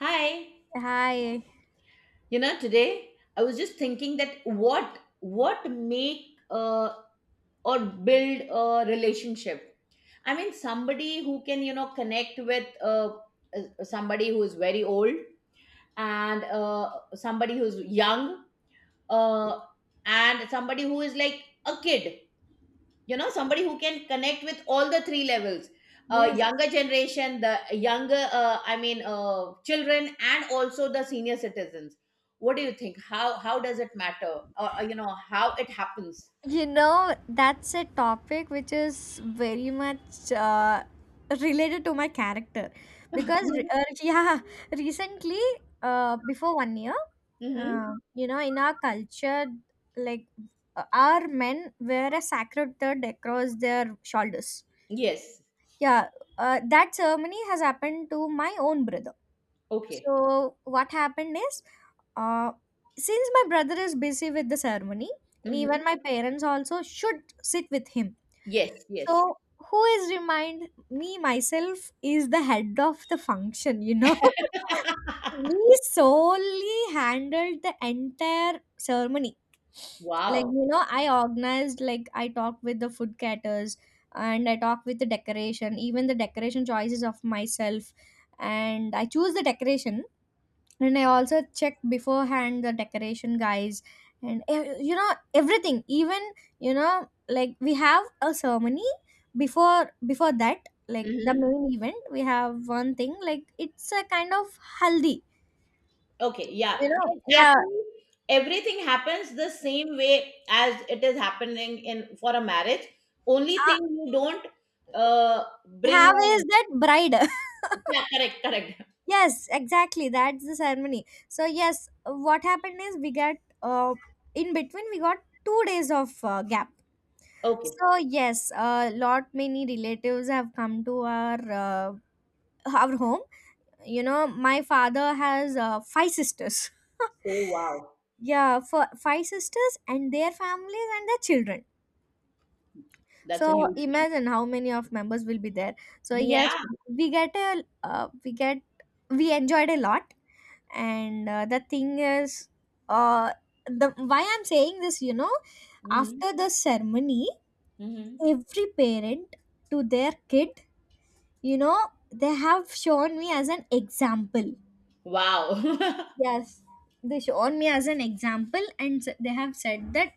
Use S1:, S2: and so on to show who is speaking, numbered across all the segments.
S1: Hi.
S2: Hi.
S1: Today I was just thinking that what make or build a relationship. I mean, somebody who can connect with somebody who is very old, and somebody who's young, uh, and somebody who is like a kid, somebody who can connect with all the three levels.
S2: Yes.
S1: Younger generation, the younger, I mean, children, and also the senior citizens. What do you think, how does it matter, or how it happens?
S2: You know, that's a topic which is very much related to my character because,
S1: Mm-hmm.
S2: yeah, recently, before 1 year, in our culture, like our men wear a sacred third across their shoulders.
S1: Yes.
S2: Yeah, that ceremony has happened to my own brother.
S1: Okay.
S2: So what happened is, uh, since my brother is busy with the ceremony, and even
S1: Mm-hmm.
S2: my parents also should sit with him.
S1: Yes, yes.
S2: So who is remind me myself is the head of the function. We solely handled the entire ceremony. Like
S1: Wow.
S2: you know, I organized, like I talked with the food caterers and I talked with the decoration, even the decoration choices of myself, and I choose the decoration, and I also checked beforehand the decoration guys, and you know everything. Even you know, like we have a ceremony before that, like the
S1: Mm-hmm.
S2: main event, we have one thing, like it's a kind of haldi,
S1: Okay, yeah.
S2: you know.
S1: Then
S2: Yeah,
S1: actually everything happens the same way as it is happening in for a marriage, only
S2: uh,
S1: thing you don't uh, bring
S2: have
S1: a.
S2: is that bride.
S1: Yeah, correct, correct.
S2: Yes, exactly, that's the ceremony, so yes, what happened is, we got, uh, in between we got 2 days of gap.
S1: Okay.
S2: So yes, a lot many relatives have come to our uh, our home. You know, my father has five sisters.
S1: Oh, wow.
S2: Yeah, for five sisters and their families and their children.
S1: That's a
S2: So
S1: huge thing.
S2: imagine how many of members will be there. So yes,
S1: Yeah.
S2: we get a we get we enjoyed a lot. And the thing is uh the why I'm saying this, you know,
S1: Hmm.
S2: after the ceremony,
S1: Hmm.
S2: every parent to their kid, you know, they have shown me as an example.
S1: Wow.
S2: Yes, they shown me as an example, and they have said that,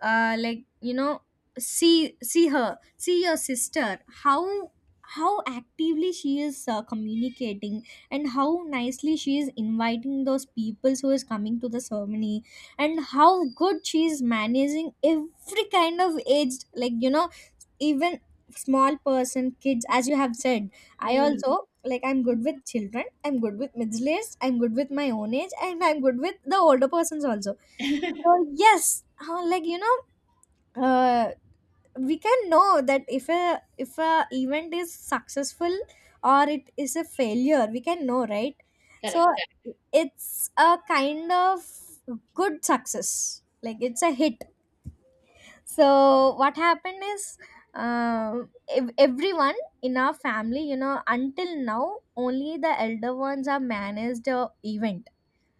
S2: like you know, see her, see your sister, how actively she is communicating, and how nicely she is inviting those people who is coming to the ceremony, and how good she is managing every kind of aged, like you know, even small person kids, as you have said. I
S1: Mm.
S2: also, like I'm good with children, I'm good with middle aged, I'm good with my own age, and I'm good with the older persons also. So yes, like you know, uh, we can know that if a event is successful or it is a failure, we can know, right? So
S1: Correct, correct,
S2: it's a kind of good success, like it's a hit. So what happened is, uh, everyone in our family, you know, until now only the elder ones are managed the event.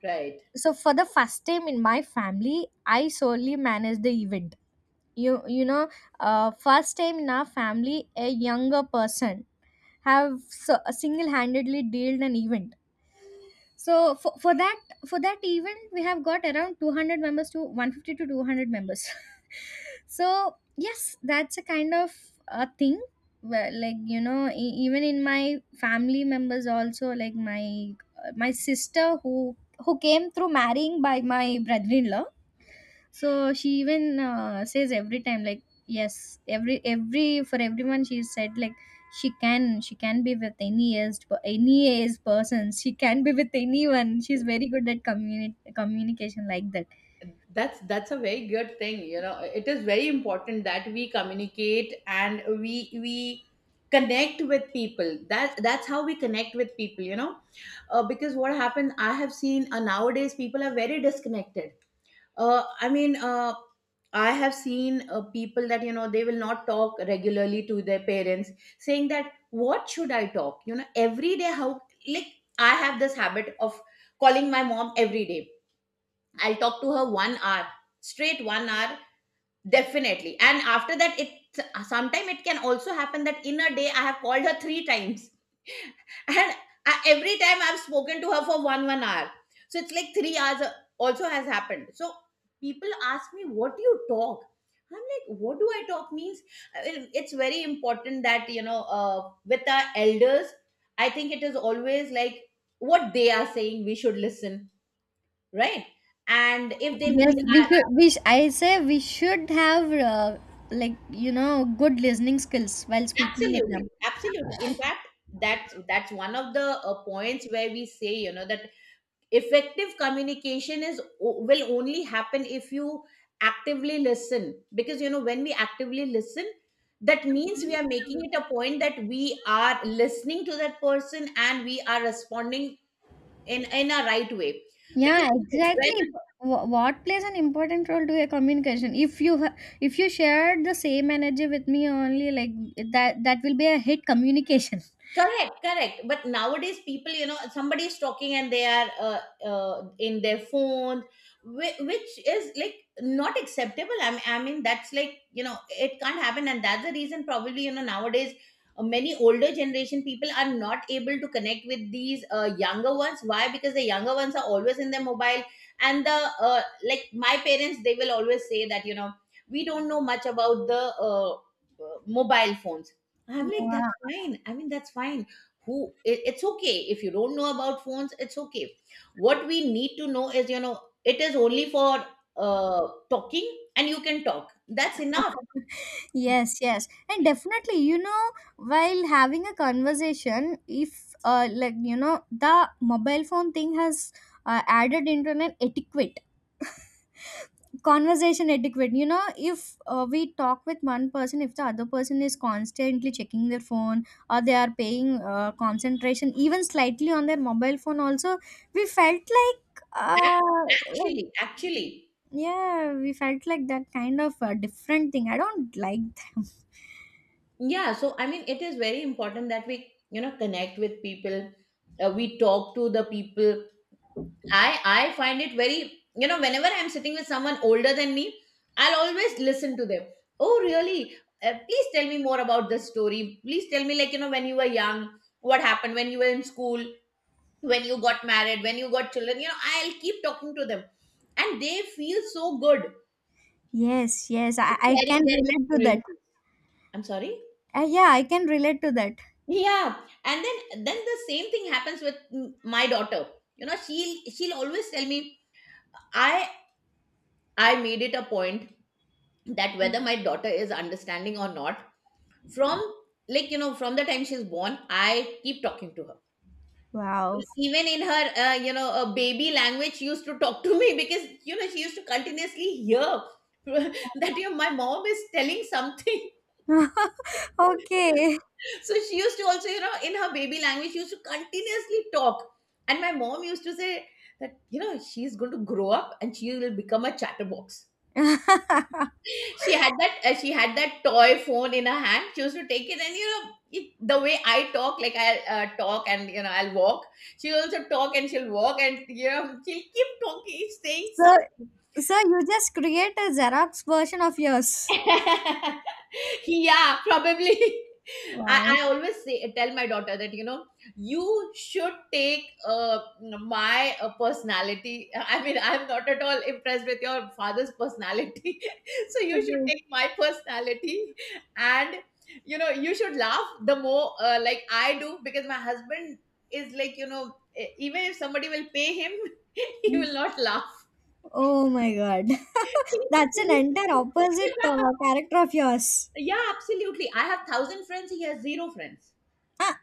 S1: right.
S2: So for the first time in my family, I solely managed the event, you know, first time in our family, a younger person have so, single-handedly dealt an event. So for that event, we have got around 200 members, to 150 to 200 members. So yes, that's a kind of a thing. Where, like you know, even in my family members also, like my sister, who came through marrying by my brother-in-law, so she even says every time, like yes, every for everyone she said, like she can be with any aged person, she can be with anyone, she's very good at communication, like that.
S1: That's a very good thing, you know. It is very important that we communicate and we connect with people. That's how we connect with people, you know. Because what happens, I have seen, nowadays people are very disconnected. I mean, I have seen, people that, they will not talk regularly to their parents, saying that, what should I talk? Every day, how, like, I have this habit of calling my mom every day. I'll talk to her 1 hour, straight 1 hour. Definitely. And after that, it sometime it can also happen that in a day I have called her three times. And every time I've spoken to her for one hour. So it's like 3 hours, also has happened. So people ask me, "What do you talk?" I'm like, "What do I talk?" Means, it's very important that, with our elders, I think it is always like what they are saying, we should listen, right? And if they
S2: Yes,
S1: need.
S2: we should we sh- I say we should have like you know, good listening skills while speaking with
S1: Absolutely,
S2: them.
S1: absolutely. In fact, that's one of the, points where we say, you know, that effective communication will only happen if you actively listen. Because you know, when we actively listen, that means we are making it a point that we are listening to that person, and we are responding in a right way.
S2: Yeah,
S1: Because
S2: exactly.
S1: when.
S2: What plays an important role to a communication? If you share the same energy with me only, like that, that will be a hit communication.
S1: Correct, correct. But nowadays, people, somebody is talking and they are, in their phones, which is like not acceptable. I mean, that's like, it can't happen. And that's the reason, probably, nowadays, many older generation people are not able to connect with these, younger ones. Why? Because the younger ones are always in their mobile. And like, my parents, they will always say that, we don't know much about the, mobile phones. I'm like,
S2: Yeah.
S1: fine. I mean, that's fine. Who It's okay if you don't know about phones, it's okay. What we need to know is, you know, it is only for talking, and you can talk. That's enough.
S2: Yes, yes, and definitely, you know, while having a conversation, if like you know, the mobile phone thing has added into an etiquette conversation etiquette, you know, if we talk with one person, if the other person is constantly checking their phone, or they are paying concentration even slightly on their mobile phone also, we felt like
S1: Ac-
S2: like-
S1: Actually, actually.
S2: yeah, we felt like that kind of different thing, I don't like them.
S1: Yeah, so I mean, it is very important that we, you know, connect with people. We talk to the people. I find it very, you know, whenever I'm sitting with someone older than me, I'll always listen to them. Oh, really? Please tell me more about this story. Please tell me, like, you know, when you were young, what happened when you were in school, when you got married, when you got children. I'll keep talking to them, and they feel so good
S2: Yes, yes, I
S1: sharing
S2: can
S1: their
S2: relate to that.
S1: experiences. I'm sorry.
S2: Yeah, I can relate to that.
S1: Yeah, and then the same thing happens with my daughter. She'll always tell me. I I made it a point that whether my daughter is understanding or not, from like, from the time she's born, I keep talking to her.
S2: Wow.
S1: Even in her, a baby language, she used to talk to me, because she used to continuously hear, that, my mom is telling something.
S2: Okay.
S1: So she used to also, in her baby language she used to continuously talk. And my mom used to say that, she's going to grow up and she will become a chatterbox. She had that, toy phone in her hand. She used to take it, and, the way I talk, like, I'll, talk, and, I'll walk. She'll also talk, and she'll walk, and, she'll keep talking saying
S2: So,
S1: something.
S2: so, you just create a Xerox version of yours.
S1: Yeah, probably. I,
S2: Wow.
S1: I always say, tell my daughter that, you know, you should take, my, personality. I mean, I'm not at all impressed with your father's personality, so you should
S2: Okay.
S1: take my personality, and, you should laugh the more, like I do, because my husband is like, even if somebody will pay him, he will not laugh.
S2: Oh my god. That's an entire opposite character of yours.
S1: Yeah, absolutely. I have thousand friends. He has zero friends.
S2: Ah,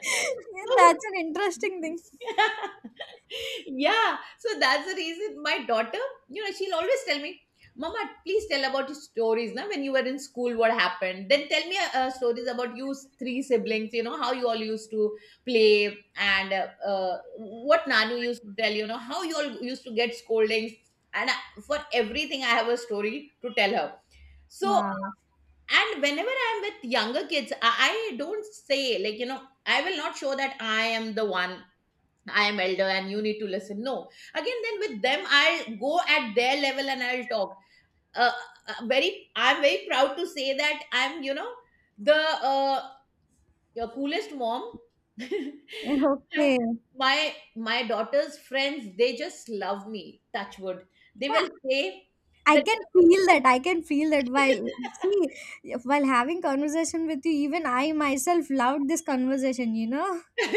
S2: that's an interesting thing.
S1: Yeah, so that's the reason my daughter, she'll always tell me, mama, please tell about your stories now, when you were in school, what happened, then tell me, stories about you three siblings, how you all used to play, and, what nanu used to tell, how you all used to get scoldings. And, for everything I have a story to tell her. So,
S2: Wow.
S1: and whenever I'm with younger kids, I don't say, like, I will not show that I am the one. I am elder and you need to listen. No. Again, then with them, I'll go at their level and I'll talk. Uh, I'm very proud to say that I'm, you know, the your coolest mom. I-
S2: Okay.
S1: my daughter's friends, they just love me. Touch wood. They
S2: Yeah,
S1: will say
S2: I
S1: that.
S2: can feel that. I can feel that, while having conversation with you, even I myself loved this conversation, you know?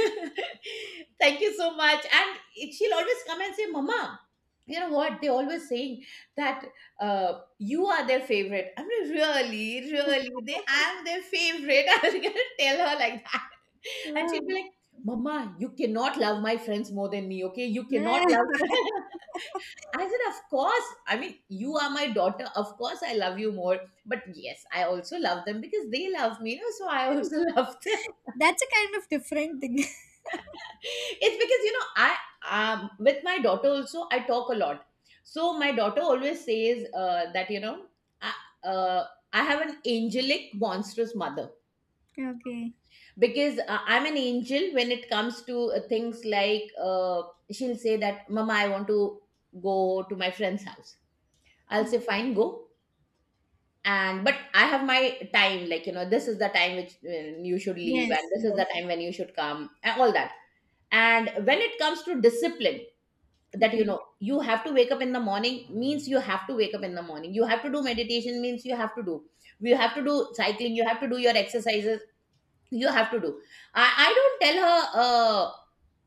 S1: Thank you so much. And she'll always come and say, "Mama, you know what they always saying, that, you are their favorite." I'm like, really? Really? They I'm their favorite? I was gonna tell her like that. And she'd be
S2: Wow.
S1: like, mama, you cannot love my friends more than me, okay, you cannot love. I said, of course. I mean, you are my daughter, of course I love you more, but yes, I also love them because they love me, so I also love them.
S2: That's a kind of different thing.
S1: It's because, I with my daughter also, I talk a lot. So my daughter always says, that, I, uh, I have an angelic monstrous mother,
S2: Okay.
S1: because, I'm an angel when it comes to, things like, she'll say that, mama, I want to go to my friend's house. I'll say, fine, go. And but I have my time, like, you know, this is the time which when you should leave, and
S2: Yes,
S1: this is the
S2: yes.
S1: time when you should come, and all that. And when it comes to discipline, that,
S2: Okay.
S1: you have to wake up in the morning means you have to wake up in the morning, you have to do meditation means you have to do, you have to do cycling, you have to do your exercises, you have to do. I don't tell her,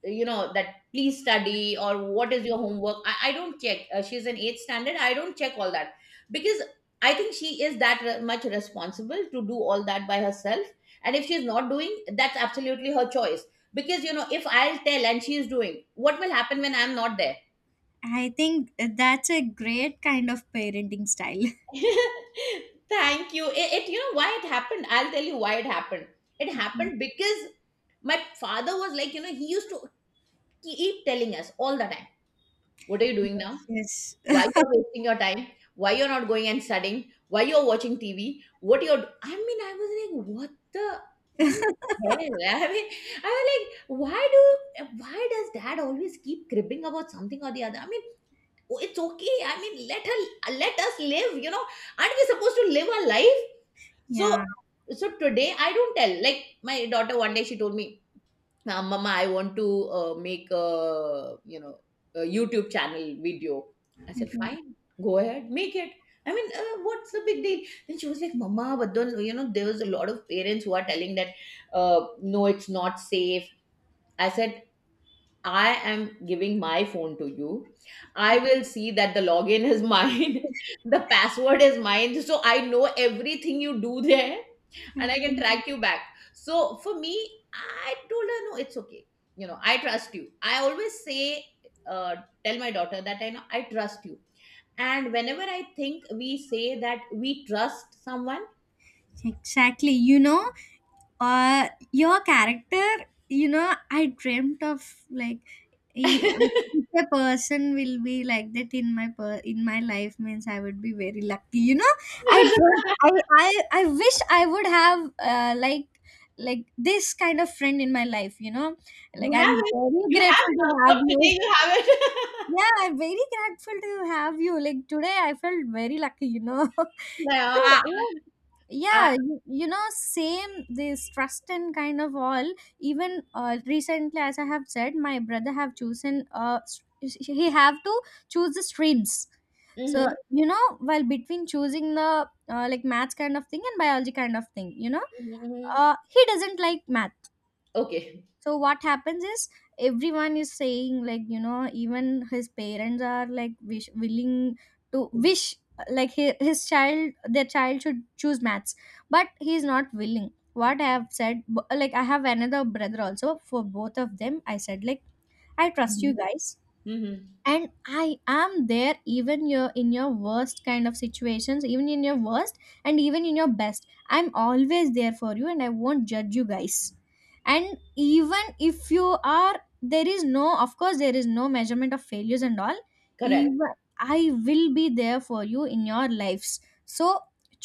S1: that please study, or what is your homework. I don't check. She's in eighth standard, I don't check all that, because I think she is that much responsible to do all that by herself. And if she's not doing, that's absolutely her choice. Because, if I'll tell and she is doing, what will happen when I'm not there?
S2: I think that's a great kind of parenting style.
S1: Thank you. You know why it happened? I'll tell you why it happened. It
S2: Okay.
S1: happened because my father was like, you know, he used to keep telling us all the time, "What are you doing now?
S2: Yes,
S1: Why
S2: yes.
S1: you are wasting your time? Why you're not going and studying? Why you're watching TV? What you're?" I mean, I was like, "What the? I mean, hell." I mean, I was like, "Why do? Why does dad always keep cribbing about something or the other?" I mean, it's okay. I mean, let us live. Aren't we supposed to live our life? So
S2: Yeah.
S1: so today I don't tell. Like my daughter one day she told me, mama, I want to make a YouTube channel video." I said,
S2: Okay.
S1: "Fine, go ahead, make it." I mean, what's the big deal? Then she was like, "Mama, but then, there was a lot of parents who are telling that, no, it's not safe." I said, I am giving my phone to you. I will see that the login is mine, the password is mine. So I know everything you do there, and I can
S2: Okay.
S1: track you back. So for me, I told her, no, it's okay. I trust you. I always say, uh, tell my daughter that I know I trust you. And whenever I think we say that we trust someone,
S2: Exactly. You know, or your character, I dreamt of, like he, if a person will be like that in my in my life, means I would be very lucky, you know. I
S1: you
S2: dreamt, I wish I would have like this kind of friend in my life, you know, like
S1: have
S2: I'm
S1: it.
S2: very
S1: You have
S2: grateful to
S1: now. From
S2: have you.
S1: today, you have it.
S2: Yeah, I'm very grateful to have you, like today I felt very lucky, you know.
S1: No,
S2: So, yeah,
S1: I,
S2: yeah, you know, same, this trust and kind of all. Even recently, as I have said, my brother have chosen. He have to choose the streams. So
S1: mhm.
S2: you know, while between choosing the like maths kind of thing and biology kind of thing, you know,
S1: Mhm.
S2: he doesn't like math.
S1: Okay.
S2: So what happens is, everyone is saying, like you know, even his parents are like wish, willing to wish, like his child, their child should choose maths, but he is not willing. What I have said, like, I have another brother also, for both of them I said like, I trust you
S1: Mhm.
S2: guys.
S1: Mhm.
S2: And I am there, even your, in your worst kind of situations, even in your worst and even in your best, I'm always there for you, and I won't judge you guys. And even if you are, there is no, of course there is no measurement of failures and all,
S1: Correct.
S2: even I will be there for you in your lives. So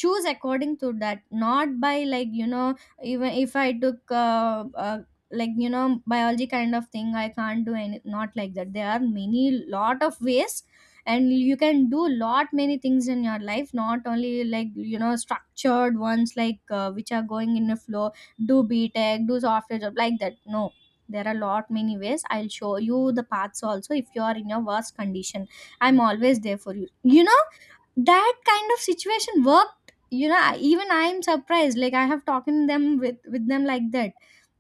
S2: choose according to that, not by, like you know, even if I took like you know biology kind of thing, I can't do any, not like that. There are many lot of ways, and you can do lot many things in your life, not only, like you know, structured ones, like which are going in a flow. Do btech, do software job, like that. No, there are lot many ways, I'll show you the paths also, if you are in your worst condition, I'm always there for you, you know. That kind of situation worked, you know. Even I'm surprised, like I have talked in them with them like that.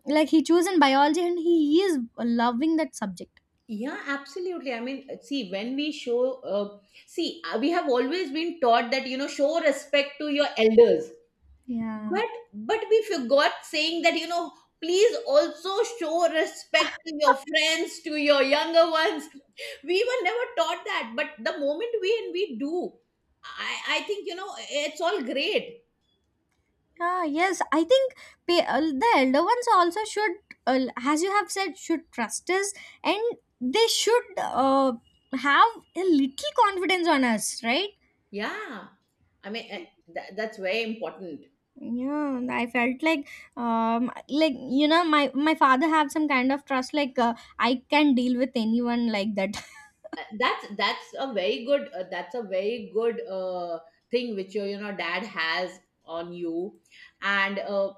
S2: Like he chosen biology, and he is loving that subject.
S1: Yeah, absolutely. I mean, see, when we show, see, we have always been taught that, you know, show respect to your elders.
S2: Yeah.
S1: But we forgot saying that, you know, please also show respect to your friends, to your younger ones. We were never taught that. But the moment we and we do, I think, you know, it's all great.
S2: Ah, yes, I think the elder ones also should, as you have said, should trust us, and they should have a little confidence on us, right?
S1: Yeah. I mean, eh, that's very important.
S2: Yeah, I felt like you know, my father have some kind of trust, like I can deal with anyone like that.
S1: That's a very good thing which your, dad has on you. And,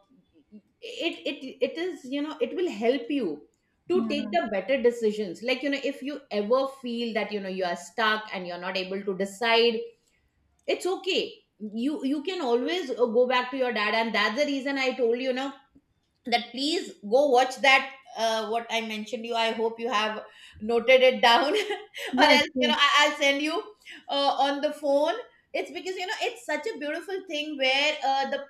S1: it will help you to take
S2: Yeah.
S1: the better decisions, like, you know, if you ever feel that, you are stuck and you're not able to decide, it's okay. You can always, go back to your dad. And that's the reason I told you, you know that please go watch that, what I mentioned you. I hope you have noted it down. Or
S2: Yes.
S1: else,
S2: Yes.
S1: I'll send you, on the phone. It's because, you know, it's such a beautiful thing where, the,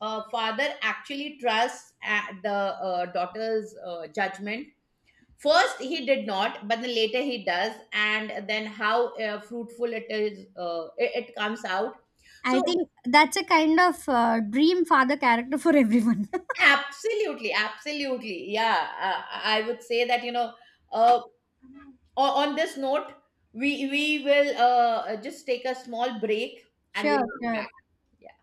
S1: father actually trusts, the, daughter's, judgment. First he did not, but then later he does, and then how, fruitful it is, it comes out.
S2: I
S1: So
S2: think that's a kind of dream father character for everyone.
S1: absolutely, absolutely, yeah. I would say that, you know, uh, on this note, we will, just take a small break and
S2: Sure,
S1: we'll come
S2: sure.
S1: back. Yeah.